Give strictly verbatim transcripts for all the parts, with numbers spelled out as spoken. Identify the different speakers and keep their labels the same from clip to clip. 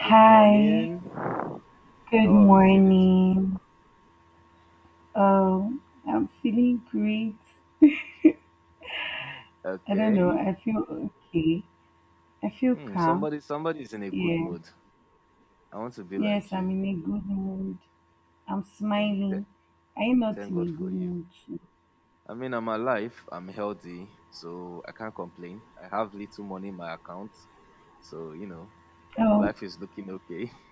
Speaker 1: Good morning.
Speaker 2: good
Speaker 1: How are we feeling today?
Speaker 2: morning. Um, I'm feeling great. I don't know,
Speaker 1: Okay.
Speaker 2: I feel okay. I feel
Speaker 1: Hmm,
Speaker 2: calm.
Speaker 1: somebody somebody is in a good
Speaker 2: Yeah.
Speaker 1: mood. I want to be
Speaker 2: Yes,
Speaker 1: like you.
Speaker 2: I'm in a good mood. I'm
Speaker 1: Thank th-
Speaker 2: smiling. Are you not
Speaker 1: Thank
Speaker 2: in a
Speaker 1: God for
Speaker 2: good
Speaker 1: you.
Speaker 2: mood too?
Speaker 1: I mean, I'm alive, I'm healthy, so I can't complain. I have little money in my account, so you know,
Speaker 2: Oh,
Speaker 1: life is looking okay.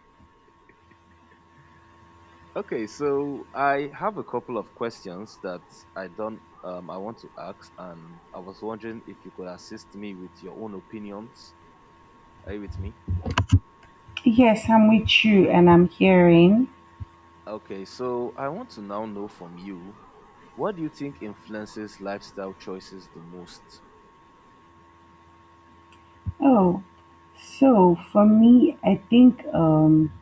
Speaker 1: Okay, so I have a couple of questions that I don't um I want to ask and I was wondering if you could assist me with your own opinions. Are you with me?
Speaker 2: yes, I'm with you and I'm hearing.
Speaker 1: Okay, so I want to now know from you, what do you think influences lifestyle choices the most?
Speaker 2: Oh, so for me, I think um,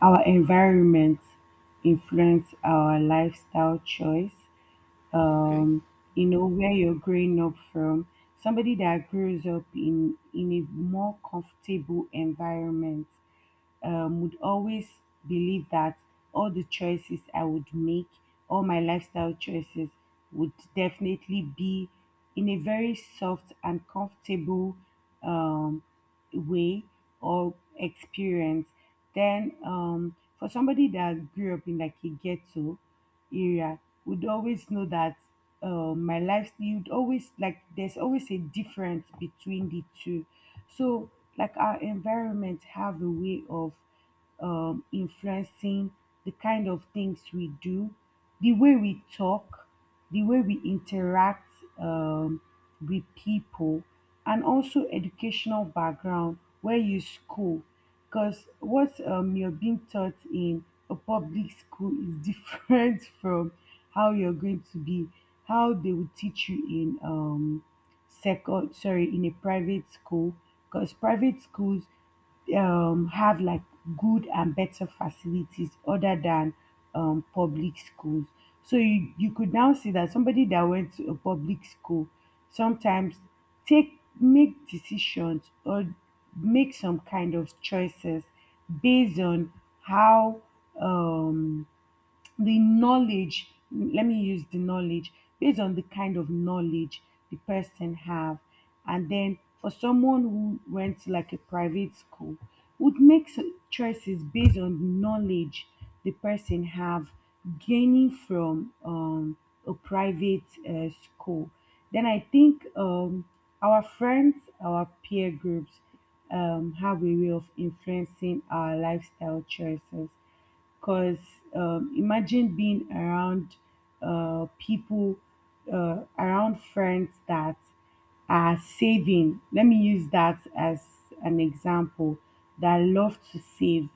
Speaker 2: our environment influence our lifestyle choice.
Speaker 1: Okay.
Speaker 2: um, you know where you're growing up from, somebody that grows up in in a more comfortable environment um, would always believe that all the choices I would make, all my lifestyle choices would definitely be in a very soft and comfortable um, way or experience. Then um, for somebody that grew up in like a ghetto area would always know that, uh, my life, you'd always like, there's always a difference between the two. So like our environment have a way of um, influencing the kind of things we do, the way we talk, the way we interact um, with people. And also educational background, where you school, because what um, you're being taught in a public school is different from how you're going to be, how they would teach you in um second sorry in a private school. Because private schools um, have like good and better facilities other than um, public schools. So you, you could now see that somebody that went to a public school sometimes take make decisions or make some kind of choices based on how um, the knowledge let me use the knowledge, based on the kind of knowledge the person have. And then for someone who went to like a private school would make s- choices based on the knowledge the person have gaining from um, a private uh, school. Then I think um, our friends, our peer groups um, have a way of influencing our lifestyle choices. Because um, imagine being around uh, people, uh, around friends that are saving. Let me use that as an example, that love to save.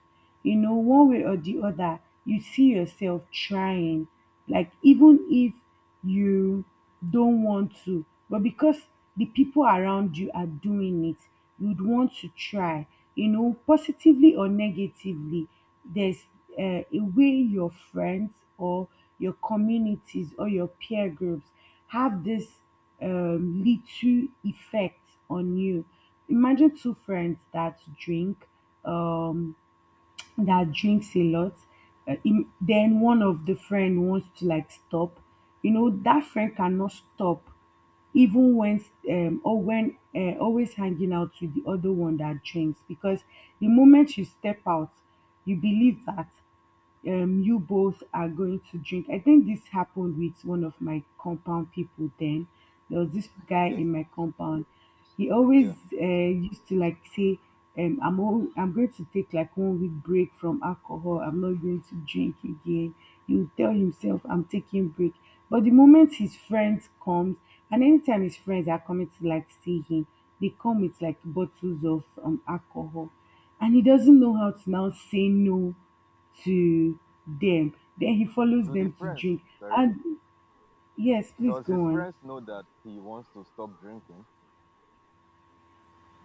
Speaker 2: You know, one way or the other, you see yourself trying. Like, even if you don't want to, but because the people around you are doing it, you'd want to try. You know, positively or negatively, there's uh, a way your friends or your communities or your peer groups have this um, little effect on you. Imagine two friends that drink, um, that drinks a lot, uh, im- then one of the friend wants to like stop. You know that friend cannot stop, even when um, or when uh, always hanging out with the other one that drinks, because the moment you step out, you believe that um, you both are going to drink. I think this happened with one of my compound people then. There was this guy
Speaker 1: Okay,
Speaker 2: in my compound. He always
Speaker 1: yeah.
Speaker 2: uh, used to like say, um, I'm, all, I'm going to take like one week break from alcohol. I'm not going to drink again. He would tell himself, I'm taking break. But the moment his friends comes, and anytime his friends are coming to like see him, they come with like bottles of um, alcohol. And he doesn't know how to now say no to them. Then he follows
Speaker 1: Do the
Speaker 2: them to
Speaker 1: friends,
Speaker 2: drink.
Speaker 1: sorry,
Speaker 2: And yes, please
Speaker 1: does his
Speaker 2: go on.
Speaker 1: friends know that he wants to stop drinking?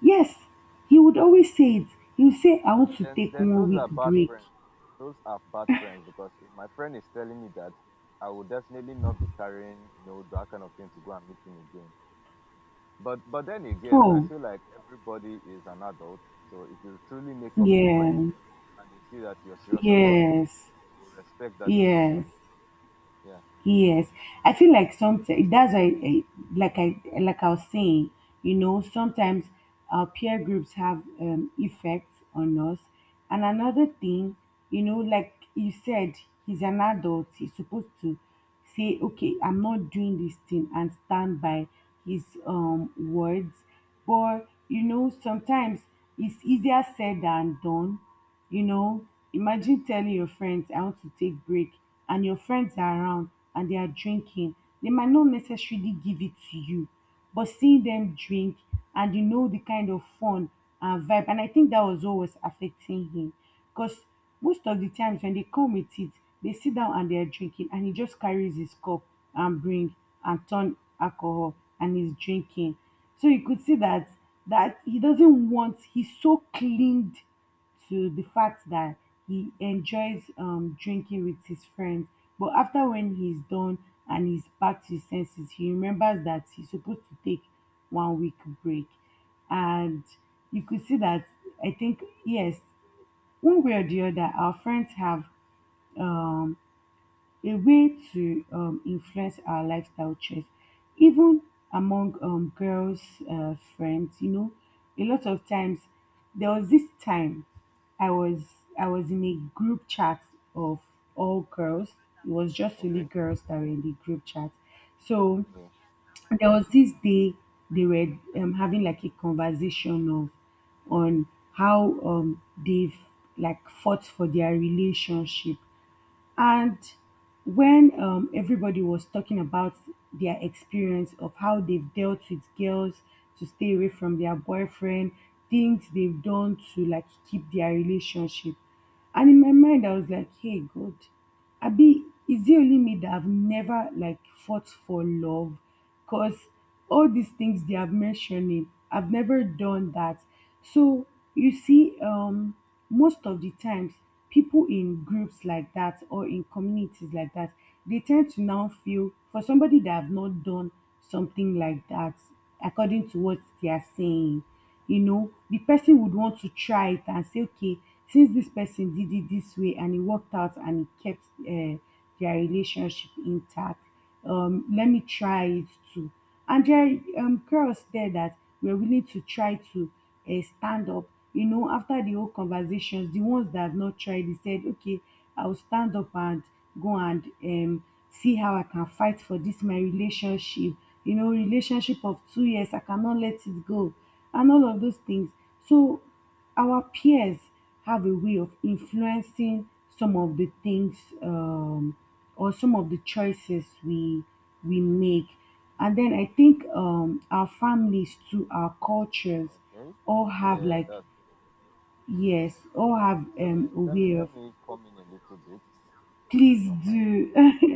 Speaker 2: Yes, he would always say it. He would say, I want to
Speaker 1: Then,
Speaker 2: take
Speaker 1: then
Speaker 2: one
Speaker 1: those
Speaker 2: week
Speaker 1: are bad
Speaker 2: break.
Speaker 1: friends. Those are bad friends because if my friend is telling me that, I will definitely not be carrying, you know, that kind of thing to go and meet him again. But, but then again, I
Speaker 2: Oh,
Speaker 1: feel like everybody is an adult. So if you truly make up your
Speaker 2: yeah,
Speaker 1: mind, and they see that you're serious about it,
Speaker 2: yes,
Speaker 1: they will respect that
Speaker 2: yes.
Speaker 1: decision. Yeah.
Speaker 2: Yes, I feel like sometimes that's why, I like I like I was saying, you know, sometimes our peer groups have um, effects on us. And another thing, you know, like you said, he's an adult. He's supposed to say, okay, I'm not doing this thing, and stand by his um words. But you know, sometimes it's easier said than done. You know, imagine telling your friends, I want to take break, and your friends are around and they are drinking. They might not necessarily give it to you, but seeing them drink and you know the kind of fun and vibe, and I think that was always affecting him. Because most of the times when they come with it, they sit down and they are drinking, and he just carries his cup and bring and turn alcohol and he's drinking. So you could see that, that he doesn't want, he's so cleaned to the fact that he enjoys um, drinking with his friends. But after, when he's done and he's back to his senses, he remembers that he's supposed to take one week break. And you could see that, I think yes, one way or the other, our friends have um a way to um, influence our lifestyle choice, even among um, girls' uh, friends. You know, a lot of times, there was this time I was I was in a group chat of all girls. It was just only
Speaker 1: Okay.
Speaker 2: girls that were in the group chat. So
Speaker 1: Yeah.
Speaker 2: there was this day they were um, having like a conversation of on how um, they've like fought for their relationship. And when um, everybody was talking about their experience of how they've dealt with girls to stay away from their boyfriend, things they've done to like keep their relationship. And in my mind, I was like, hey, God, Abi, is it only me that I've never like fought for love? Because all these things they have mentioning, I've never done that. So you see, um, most of the times, people in groups like that or in communities like that, they tend to now feel for somebody that have not done something like that. According to what they are saying, you know, the person would want to try it and say, okay, since this person did it this way and it worked out and it kept uh, their relationship intact, um, let me try it too. And there are um, girls there that were willing to try to uh, stand up. You know, after the whole conversations, the ones that have not tried, they said, okay, I'll stand up and go and um, see how I can fight for this, my relationship. You know, relationship of two years, I cannot let it go, and all of those things. So our peers have a way of influencing some of the things um, or some of the choices we we make. And then I think um, our families too, our cultures, all have
Speaker 1: Yeah.
Speaker 2: like, yes, all have
Speaker 1: Let me
Speaker 2: um, a
Speaker 1: let me
Speaker 2: way
Speaker 1: let
Speaker 2: of,
Speaker 1: me come in a little bit, if you
Speaker 2: please
Speaker 1: don't mind.
Speaker 2: do.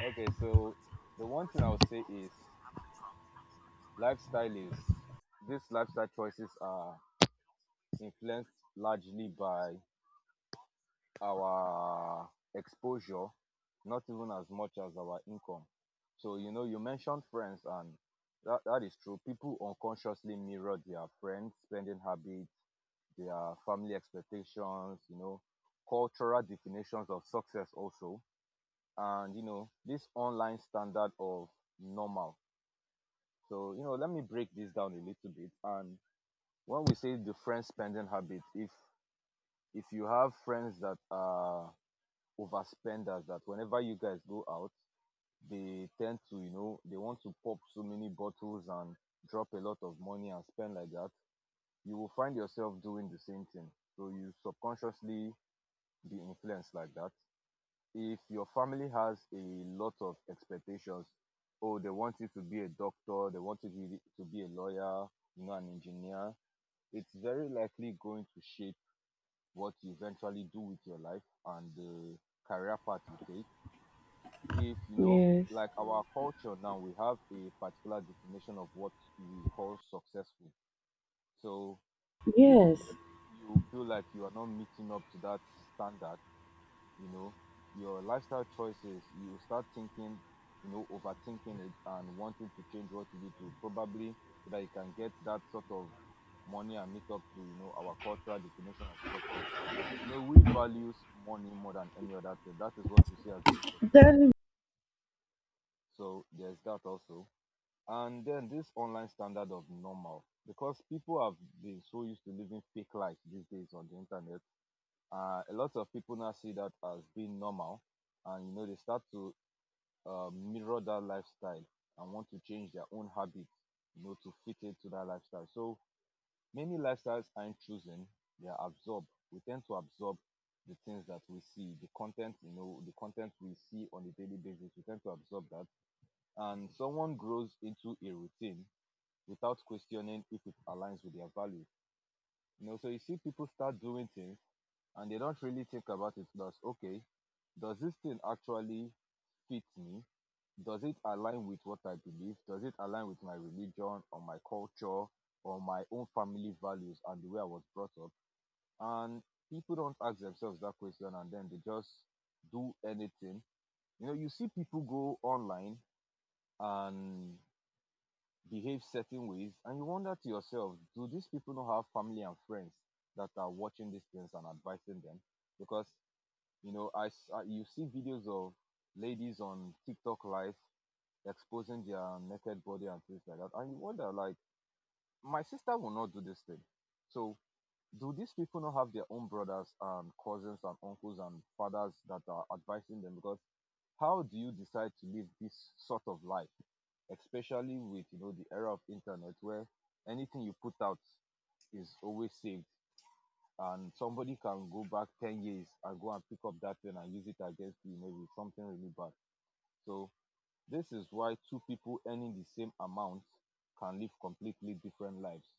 Speaker 1: Okay. So the one thing I would say is lifestyle is, these lifestyle choices are influenced largely by our exposure, not even as much as our income. So you know, you mentioned friends, and that, that is true. People unconsciously mirror their friends' spending habits, their family expectations, you know, cultural definitions of success also, and you know, this online standard of normal. So, you know, let me break this down a little bit. And when we say different spending habits, if if you have friends that are overspenders, that whenever you guys go out, they tend to, you know, they want to pop so many bottles and drop a lot of money and spend like that, you will find yourself doing the same thing. So you subconsciously be influenced like that. If your family has a lot of expectations, oh, they want you to be a doctor, they want you to be, to be a lawyer, you know, an engineer, it's very likely going to shape what you eventually do with your life and the career path you take. If you know,
Speaker 2: Yes.
Speaker 1: like our culture now, we have a particular definition of what we call successful. So if
Speaker 2: Yes.
Speaker 1: you feel like you are not meeting up to that standard, you know, your lifestyle choices, you start thinking, you know, overthinking it and wanting to change what you do to probably, so that you can get that sort of money and meet up to, you know, our cultural definition of success. You know, we values money more than any other thing. That is what we see as being successful. So there's that also. And then this online standard of normal, because people have been so used to living fake life these days on the internet, uh, a lot of people now see that as being normal. And you know, they start to uh, mirror that lifestyle and want to change their own habits, you know, to fit into that lifestyle. So many lifestyles aren't chosen, they are absorbed. We tend to absorb the things that we see, the content, you know, the content we see on a daily basis, we tend to absorb that. And someone grows into a routine without questioning if it aligns with their values. You know, so you see people start doing things and they don't really think about it, plus okay, does this thing actually fit me? Does it align with what I believe? Does it align with my religion or my culture or my own family values and the way I was brought up? And people don't ask themselves that question, and then they just do anything. You know, you see people go online and behave certain ways, and you wonder to yourself, do these people not have family and friends that are watching these things and advising them? Because you know, I, s- I- you see videos of ladies on TikTok live exposing their naked body and things like that, and you wonder, like, my sister will not do this thing. So, do these people not have their own brothers and cousins and uncles and fathers that are advising them? Because how do you decide to live this sort of life, especially with, you know, the era of internet, where anything you put out is always saved, and somebody can go back ten years and go and pick up that pen and use it against you, maybe something really bad. So this is why two people earning the same amount can live completely different lives.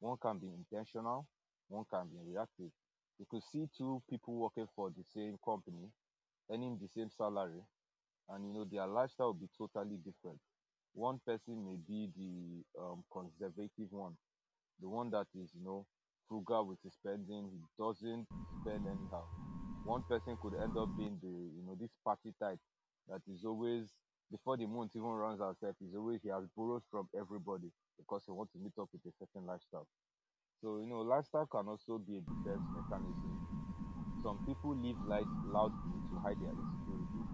Speaker 1: One can be intentional, one can be reactive. You could see two people working for the same company earning the same salary, and you know, their lifestyle will be totally different. One person may be the um, conservative one, the one that is, you know, frugal with his spending. He doesn't spend anyhow. One person could end up being the, you know, this party type that is always before the month even runs herself, is always he has borrowed from everybody because he wants to meet up with a certain lifestyle. So you know, lifestyle can also be a defense mechanism. Some people live loud, loudly to hide their insecurities.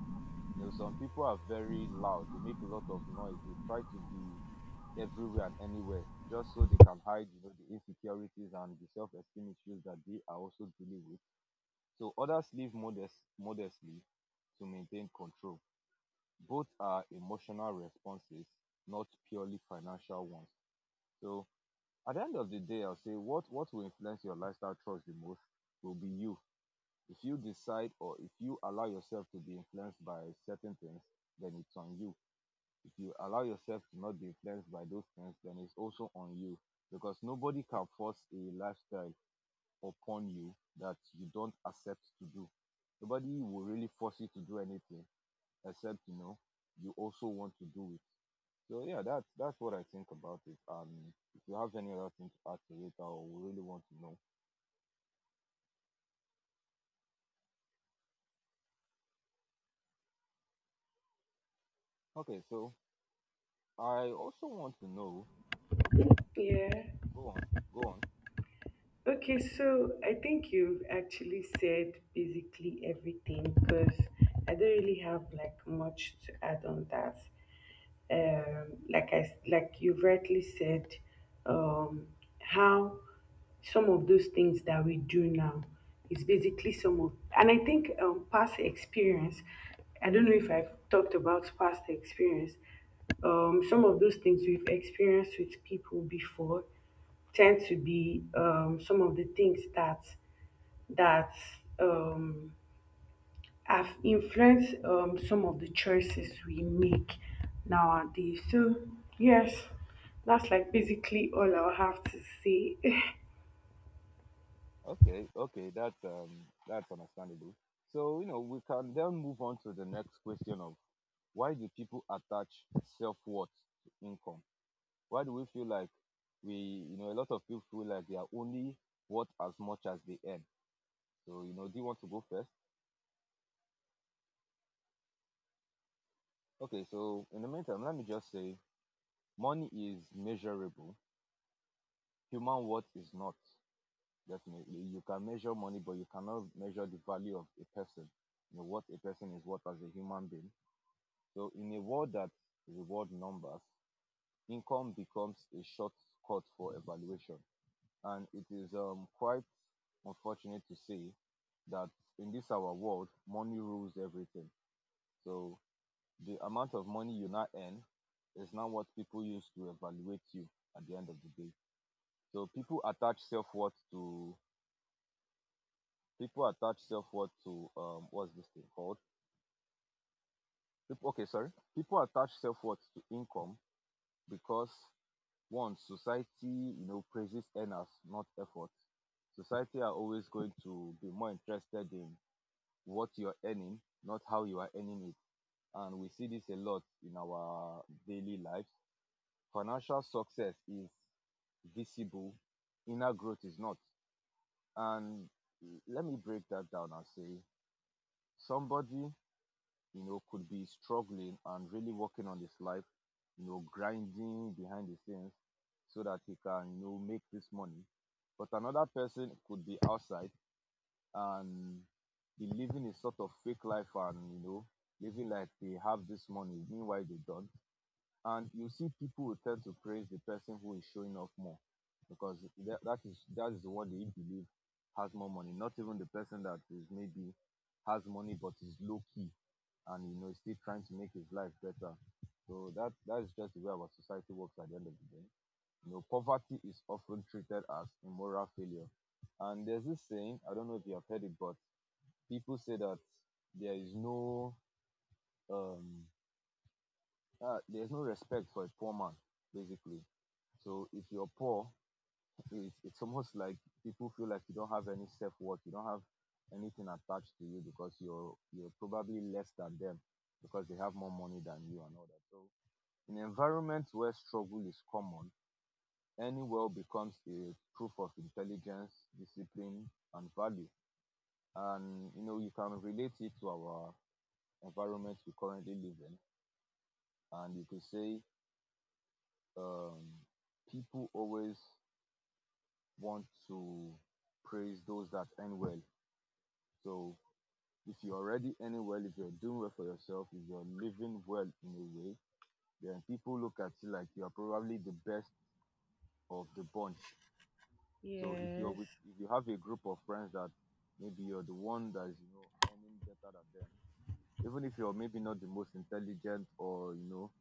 Speaker 1: You know, some people are very loud. They make a lot of noise. They try to be everywhere and anywhere just so they can hide, you know, the insecurities and the self-esteem issues that they are also dealing with. So others live modest modestly to maintain control. Both are emotional responses, not purely financial ones. So at the end of the day, I'll say what what will influence your lifestyle choice the most will be you. If you decide, or if you allow yourself to be influenced by certain things, then it's on you. If you allow yourself to not be influenced by those things, then it's also on you. Because nobody can force a lifestyle upon you that you don't accept to do. Nobody will really force you to do anything, except you know, you also want to do it. So yeah, that's that's what I think about it. And if you have any other thing to add to it, I really want to know. Okay, so I also want to know,
Speaker 2: Yeah.
Speaker 1: go on, go on.
Speaker 2: Okay, so I think you've actually said basically everything, because I don't really have like much to add on that. Um, like I s- like you rightly said, um, how some of those things that we do now is basically some of, and I think um, past experience. I don't know if I've talked about past experience. Um, some of those things we've experienced with people before tend to be um, some of the things that that um, have influenced um, some of the choices we make nowadays. So yes, that's like basically all I'll have to say.
Speaker 1: Okay, okay, that's um that's understandable. So, you know, we can then move on to the next question of, why do people attach self-worth to income? Why do we feel like we, you know, a lot of people feel like they are only worth as much as they earn. So, you know, do you want to go first? Okay, so in the meantime, let me just say money is measurable. Human worth is not. Definitely. You can measure money, but you cannot measure the value of a person, you know, what a person is worth as a human being. So in a world that reward numbers, income becomes a shortcut for evaluation. And it is um, quite unfortunate to say that in this our world, money rules everything. So the amount of money you now earn is not what people use to evaluate you at the end of the day. So people attach self worth to people attach self worth to um what's this thing called? People, okay, sorry. People attach self worth to income because, one, society, you know, praises earners, not effort. Society are always going to be more interested in what you're earning, not how you are earning it. And we see this a lot in our daily lives. Financial success is visible, inner growth is not. And let me break that down and say, somebody, you know, could be struggling and really working on his life, you know, grinding behind the scenes so that he can, you know, make this money. But another person could be outside and be living a sort of fake life and, you know, living like they have this money, meanwhile they don't. And you see people will tend to praise the person who is showing off more because that, that is, that is what they believe has more money, not even the person that is maybe has money but is low key and you know is still trying to make his life better. So that, that is just the way our society works at the end of the day. You know, poverty is often treated as a moral failure. And there's this saying, I don't know if you have heard it, but people say that there is no um uh, there's no respect for a poor man, basically. So if you're poor, it's, it's almost like people feel like you don't have any self worth. You don't have anything attached to you because you're you're probably less than them because they have more money than you and all that. So in environments where struggle is common, any wealth becomes a proof of intelligence, discipline, and value. And you know you can relate it to our environment we currently live in. And you could say um, people always want to praise those that earn well. So if you're already earning well, if you're doing well for yourself, if you're living well in a way, then people look at you like you're probably the best of the bunch. So if you're
Speaker 2: Yes,
Speaker 1: with if you have a group of friends that maybe you're the one that is, you know, earning better than them, even if you're maybe not the most intelligent or, you know,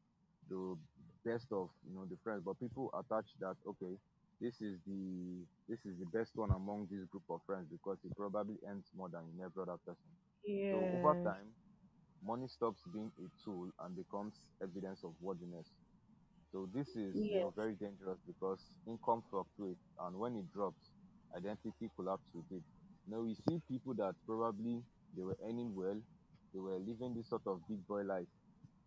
Speaker 1: the best of, you know, the friends, but people attach that, okay, this is the this is the best one among this group of friends because he probably earns more than in every other person. So over
Speaker 2: yes,
Speaker 1: time, money stops being a tool and becomes evidence of worthiness. So this is, you know,
Speaker 2: yes,
Speaker 1: very dangerous because income fluctuates, and when it drops, identity collapses with it. Now we see people that probably they were earning well, they were living this sort of big boy life,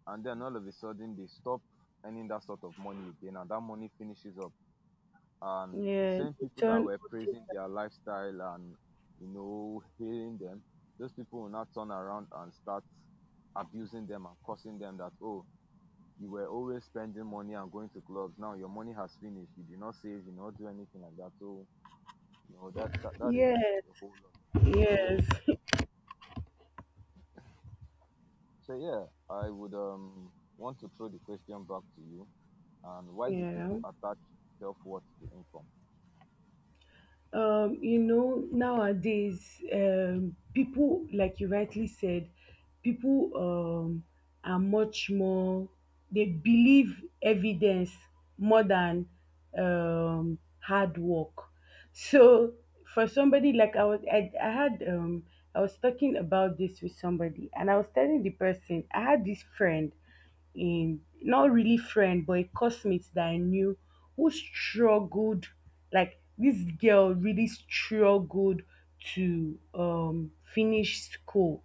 Speaker 1: and then all of a sudden they stop earning that sort of money again, and that money finishes up, and the
Speaker 2: yes.
Speaker 1: same people that
Speaker 2: John.
Speaker 1: were praising their lifestyle and, you know, hailing them, those people will now turn around and start abusing them and cursing them that, oh, you were always spending money and going to clubs, now your money has finished, you did not save, you did not do anything like that. So you know that that, that is
Speaker 2: Yes,
Speaker 1: a whole lot of it.
Speaker 2: yes,
Speaker 1: So so yeah, I would um want to throw the question back to you: and why do people
Speaker 2: yeah.
Speaker 1: attach self-worth to income?
Speaker 2: Um, you know, nowadays, um, people, like you rightly said, people um, are much more, they believe evidence more than um, hard work. So, for somebody like I was, I, I had, um, I was talking about this with somebody, and I was telling the person, I had this friend in, not really friend, but a classmate that I knew, who struggled. Like this girl really struggled to um finish school,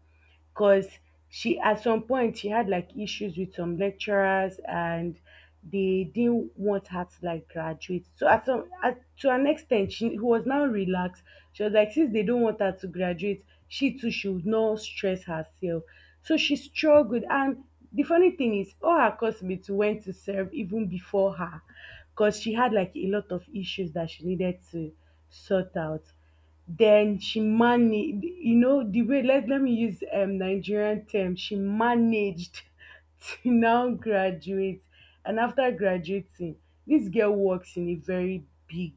Speaker 2: because she, at some point she had like issues with some lecturers and they didn't want her to like graduate. So at some at, to an extent she was now relaxed. She was like, since they don't want her to graduate, she too should not stress herself. So she struggled. And the funny thing is, all her cosmates went to serve even before her, because she had like a lot of issues that she needed to sort out. Then she managed, you know, the way, let, let me use um Nigerian term, she managed to now graduate. And after graduating, this girl works in a very big,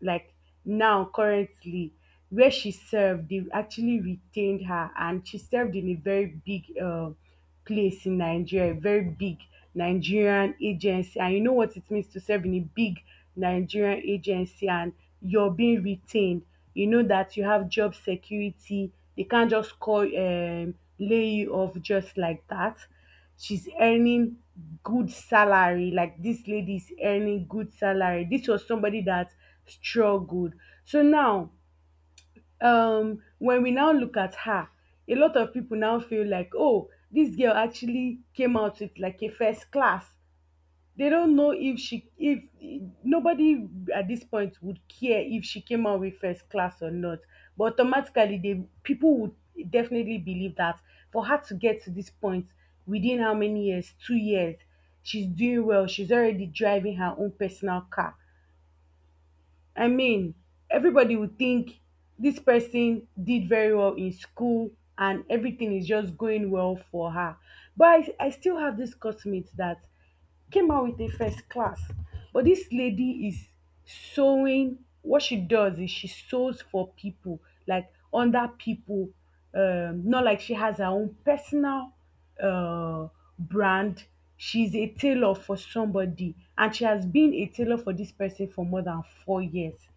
Speaker 2: like, now currently, where she served they actually retained her, and she served in a very big uh place in Nigeria, a very big Nigerian agency. And you know what it means to serve in a big Nigerian agency and you're being retained. You know that you have job security. They can't just call um lay you off just like that. She's earning good salary, like this lady is earning good salary. This was somebody that struggled. So now, um when we now look at her, a lot of people now feel like, oh, this girl actually came out with like a first class. They don't know if she if nobody at this point would care if she came out with first class or not, but automatically they people would definitely believe that for her to get to this point within how many years, two years, she's doing well, she's already driving her own personal car. I mean, everybody would think this person did very well in school and everything is just going well for her. But i, I still have this cosmate that came out with a first class. But this lady is sewing. What she does is she sews for people, like under people. Um, not like she has her own personal uh, brand. She's a tailor for somebody, and she has been a tailor for this person for more than four years.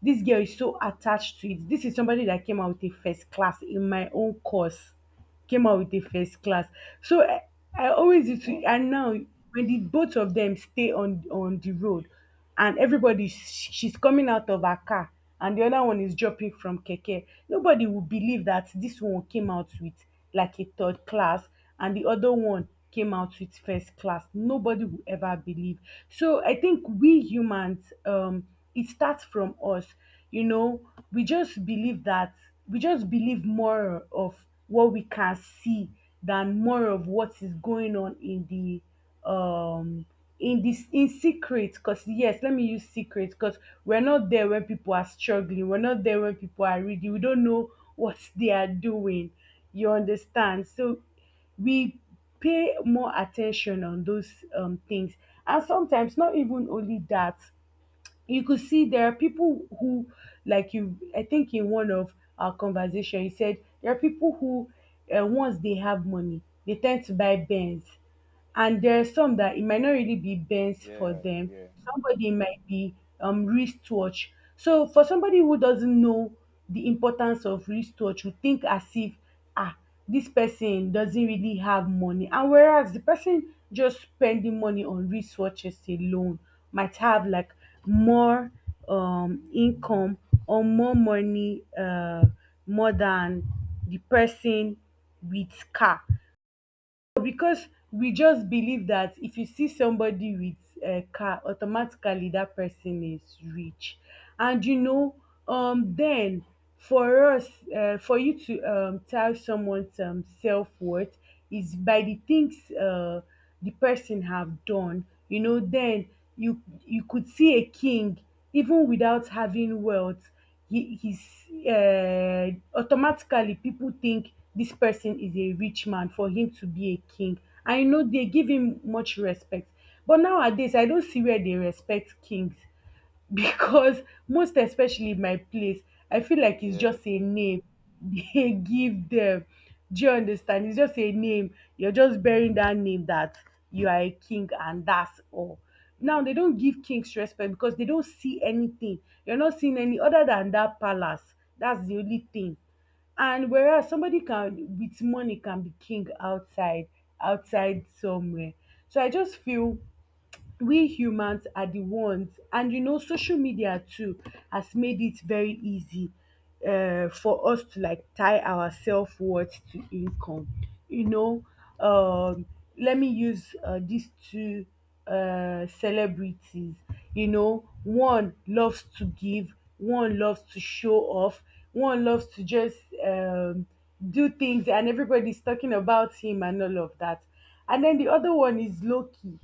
Speaker 2: This girl is so attached to it. This is somebody that came out with a first class in my own course. Came out with a first class. So I, I always used to,
Speaker 1: Wow.
Speaker 2: and now when the both of them stay on on the road, and everybody sh- she's coming out of her car, and the other one is dropping from keke, nobody will believe that this one came out with like a third class, and the other one came out with first class. Nobody will ever believe. So I think we humans, um, it starts from us. You know, we just believe that we just believe more of what we can see than more of what is going on in the um in this in secret. Because yes, let me use secret, because we're not there when people are struggling, we're not there when people are reading, we don't know what they are doing. You understand? So we pay more attention on those um things. And sometimes not even only that, you could see there are people who, like you, I think in one of our conversation you said there are people who, uh, once they have money they tend to buy benz, and there are some that it might not really be benz for
Speaker 1: Yeah,
Speaker 2: them.
Speaker 1: yeah,
Speaker 2: Somebody might be um wristwatch. So for somebody who doesn't know the importance of wristwatch, you think as if, ah ah, this person doesn't really have money. And whereas the person just spending money on resources alone might have like more um, income or more money, uh, more than the person with car. Because we just believe that if you see somebody with um car, automatically that person is rich. And you know, um then for us, um for you to um tell someone's um self-worth is by the things um the person have done. You know, then you you could see a king even without having wealth, he he's uh, automatically people think this person is a rich man for him to be a king. I know they give him much respect, but nowadays I don't see where they respect kings. Because most especially my place, I feel like it's
Speaker 1: yeah.
Speaker 2: just a name they give them. Do you understand? It's just a name, you're just bearing that name that you are a king and that's all. Now they don't give kings respect because they don't see anything. You're not seeing any other than that palace, that's the only thing. And whereas somebody can with money can be king outside, outside somewhere. So I just feel we humans are the ones. And you know, social media too has made it very easy, uh, for us to like tie our self-worth to income. You know, um let me use uh, these two uh, celebrities. You know, one loves to give, one loves to show off, one loves to just um, do things and everybody's talking about him and all of that. And then the other one is loki.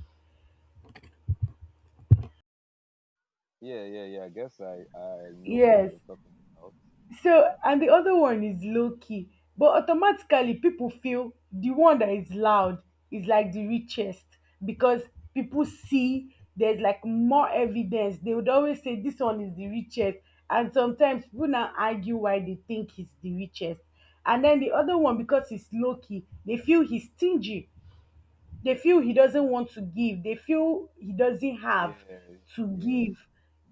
Speaker 1: Yeah, yeah, yeah, I guess i i know who
Speaker 2: Yes.
Speaker 1: you're talking about.
Speaker 2: So, and the other one is low key, but automatically people feel the one that is loud is like the richest, because people see there's like more evidence. They would always say this one is the richest, and sometimes people now argue why they think he's the richest. And then the other one, because he's low key, they feel he's stingy, they feel he doesn't want to give, they feel he doesn't have to
Speaker 1: Yeah.
Speaker 2: give.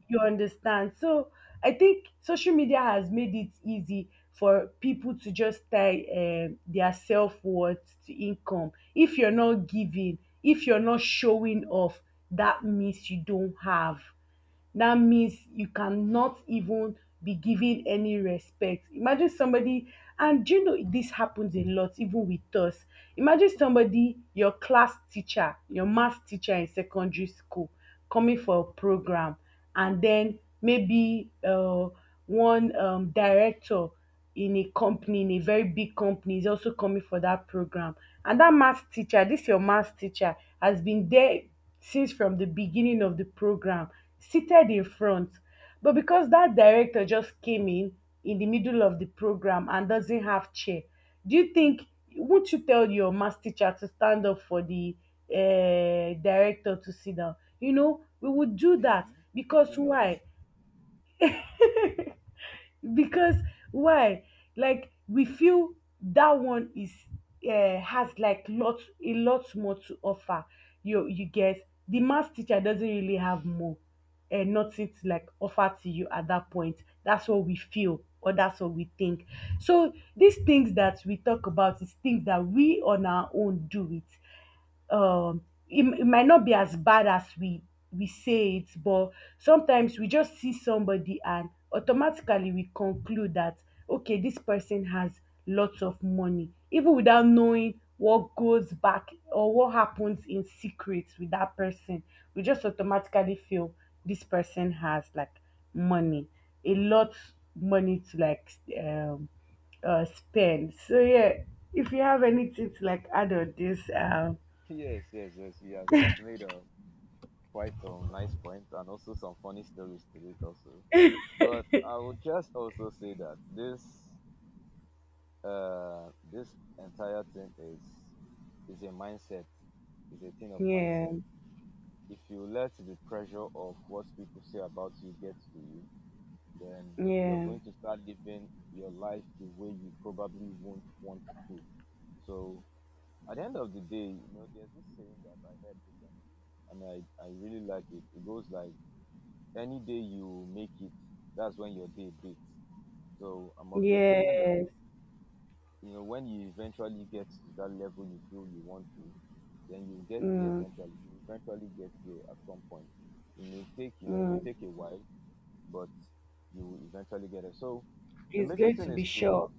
Speaker 2: You understand? So I think social media has made it easy for people to just tie um, their self-worth to income. If you're not giving, if you're not showing off, that means you don't have, that means you cannot even be given any respect. Imagine somebody, and do you know this happens a lot even with us? Imagine somebody, your class teacher, your math teacher in secondary school, coming for a program, and then maybe uh, one um, director in a company, in a very big company, is also coming for that program. And that math teacher, this your math teacher, has been there since from the beginning of the program, seated in front. But because that director just came in in the middle of the program and doesn't have chair, do you think, won't you tell your math teacher to stand up for the uh, director to sit down? You know, we would do that
Speaker 1: Maybe,
Speaker 2: because
Speaker 1: maybe not.
Speaker 2: why? Because why? Like we feel that one is, uh, has like lot a lot more to offer. You you get? The math teacher doesn't really have more, uh, nothing to like offer to you at that point. That's what we feel or that's what we think. So these things that we talk about is things that we on our own do it. um it, it might not be as bad as we we say it, but sometimes we just see somebody and automatically we conclude that, okay, this person has lots of money, even without knowing what goes back or what happens in secret with that person. We just automatically feel this person has like money, a lot, money to like um uh spend. So yeah, if you have anything to like add on this, um
Speaker 1: Yes, yes, yes, you have, you have made um, quite some nice points and also some funny stories to it also, but I would just also say that this uh this entire thing is is a mindset, is a thing of
Speaker 2: yeah,
Speaker 1: mindset. If you let the pressure of what people say about you get to you, then you're
Speaker 2: yeah,
Speaker 1: going to start living your life the way you probably won't want to. So at the end of the day, you know, there's this saying that I heard recently, and I, I really like it. It goes like, any day you make it, that's when your day breaks. So I'm of the opinion that,
Speaker 2: yes.
Speaker 1: you know, when you eventually get to that level you feel you want to, then you get there
Speaker 2: Mm,
Speaker 1: eventually. You eventually get there at some point. It may take, you know, it may
Speaker 2: mm.
Speaker 1: take a while, but you will eventually get it. So the
Speaker 2: It's
Speaker 1: major
Speaker 2: going to
Speaker 1: thing
Speaker 2: be
Speaker 1: is to,
Speaker 2: sure.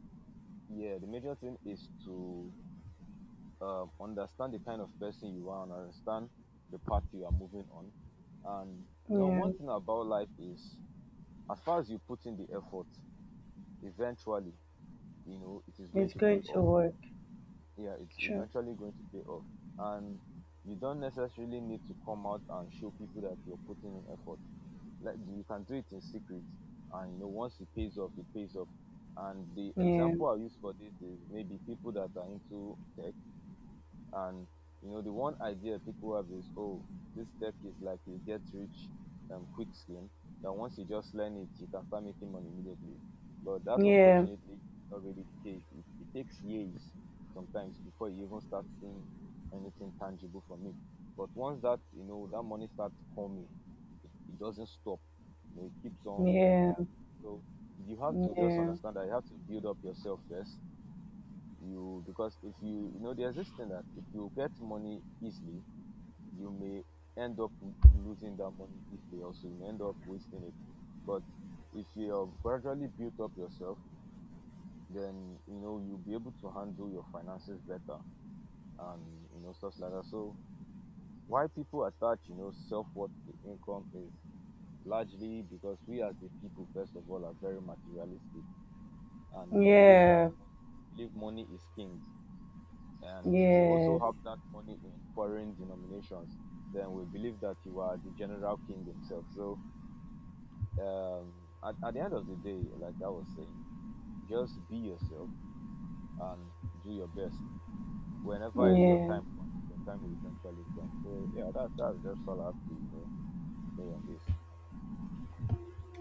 Speaker 1: yeah, the major thing is to um, understand the kind of person you are and understand the path you are moving on. And you know
Speaker 2: Yeah,
Speaker 1: one thing about life is, as far as you put in the effort, eventually, you know, it is going
Speaker 2: it's
Speaker 1: to pay
Speaker 2: going to
Speaker 1: off.
Speaker 2: work.
Speaker 1: Yeah, it's
Speaker 2: Sure.
Speaker 1: eventually going to pay off. And you don't necessarily need to come out and show people that you're putting in effort, like you can do it in secret, and you know once it pays off, it pays off. And the
Speaker 2: Yeah,
Speaker 1: example I use for this is maybe people that are into tech. And you know, the one idea people have is, oh, this tech is like a get rich um, quick scheme, that once you just learn it, you can start making money immediately. But that,
Speaker 2: yeah,
Speaker 1: unfortunately, is not really the case. It, it takes years sometimes before you even start seeing anything tangible from it. But once that, you know, that money starts coming, it doesn't stop. You know, it keeps on coming.
Speaker 2: yeah,
Speaker 1: So you have to just
Speaker 2: yeah,
Speaker 1: understand that you have to build up yourself first. You, because if you, you know, there's this thing that if you get money easily, you may end up w- losing that money easily also, you may end up wasting it. But if you have gradually built up yourself, then you know you'll be able to handle your finances better, and you know stuff like that. So why people attach, you know, self-worth to income is largely because we as the people first of all are very materialistic, and we believe that
Speaker 2: yeah,
Speaker 1: money, we believe money is king. And if you also
Speaker 2: yes,
Speaker 1: have that money in foreign denominations, then we believe that you are the general king himself. So um, at, at the end of the day, like I was saying, just be yourself and do your best. Whenever your
Speaker 2: yeah.
Speaker 1: time comes, your time will eventually come. So yeah, that that's just all I have to, you know, say on this.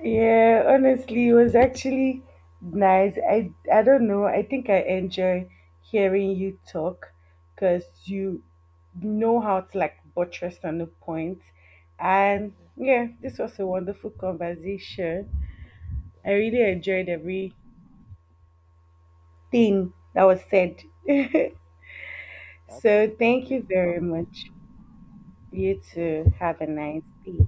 Speaker 2: Yeah, honestly, it was actually nice. I I don't know. I think I enjoy hearing you talk because you know how to like buttress on the point. And
Speaker 1: Yeah,
Speaker 2: yeah, this was a wonderful conversation. I
Speaker 1: thank you
Speaker 2: really
Speaker 1: very much.
Speaker 2: enjoyed everything that was said. So
Speaker 1: Okay, thank
Speaker 2: thank you
Speaker 1: you. Have
Speaker 2: very
Speaker 1: a nice
Speaker 2: much.
Speaker 1: day.
Speaker 2: You
Speaker 1: Yeah, bye
Speaker 2: too. Have a
Speaker 1: bye.
Speaker 2: nice day.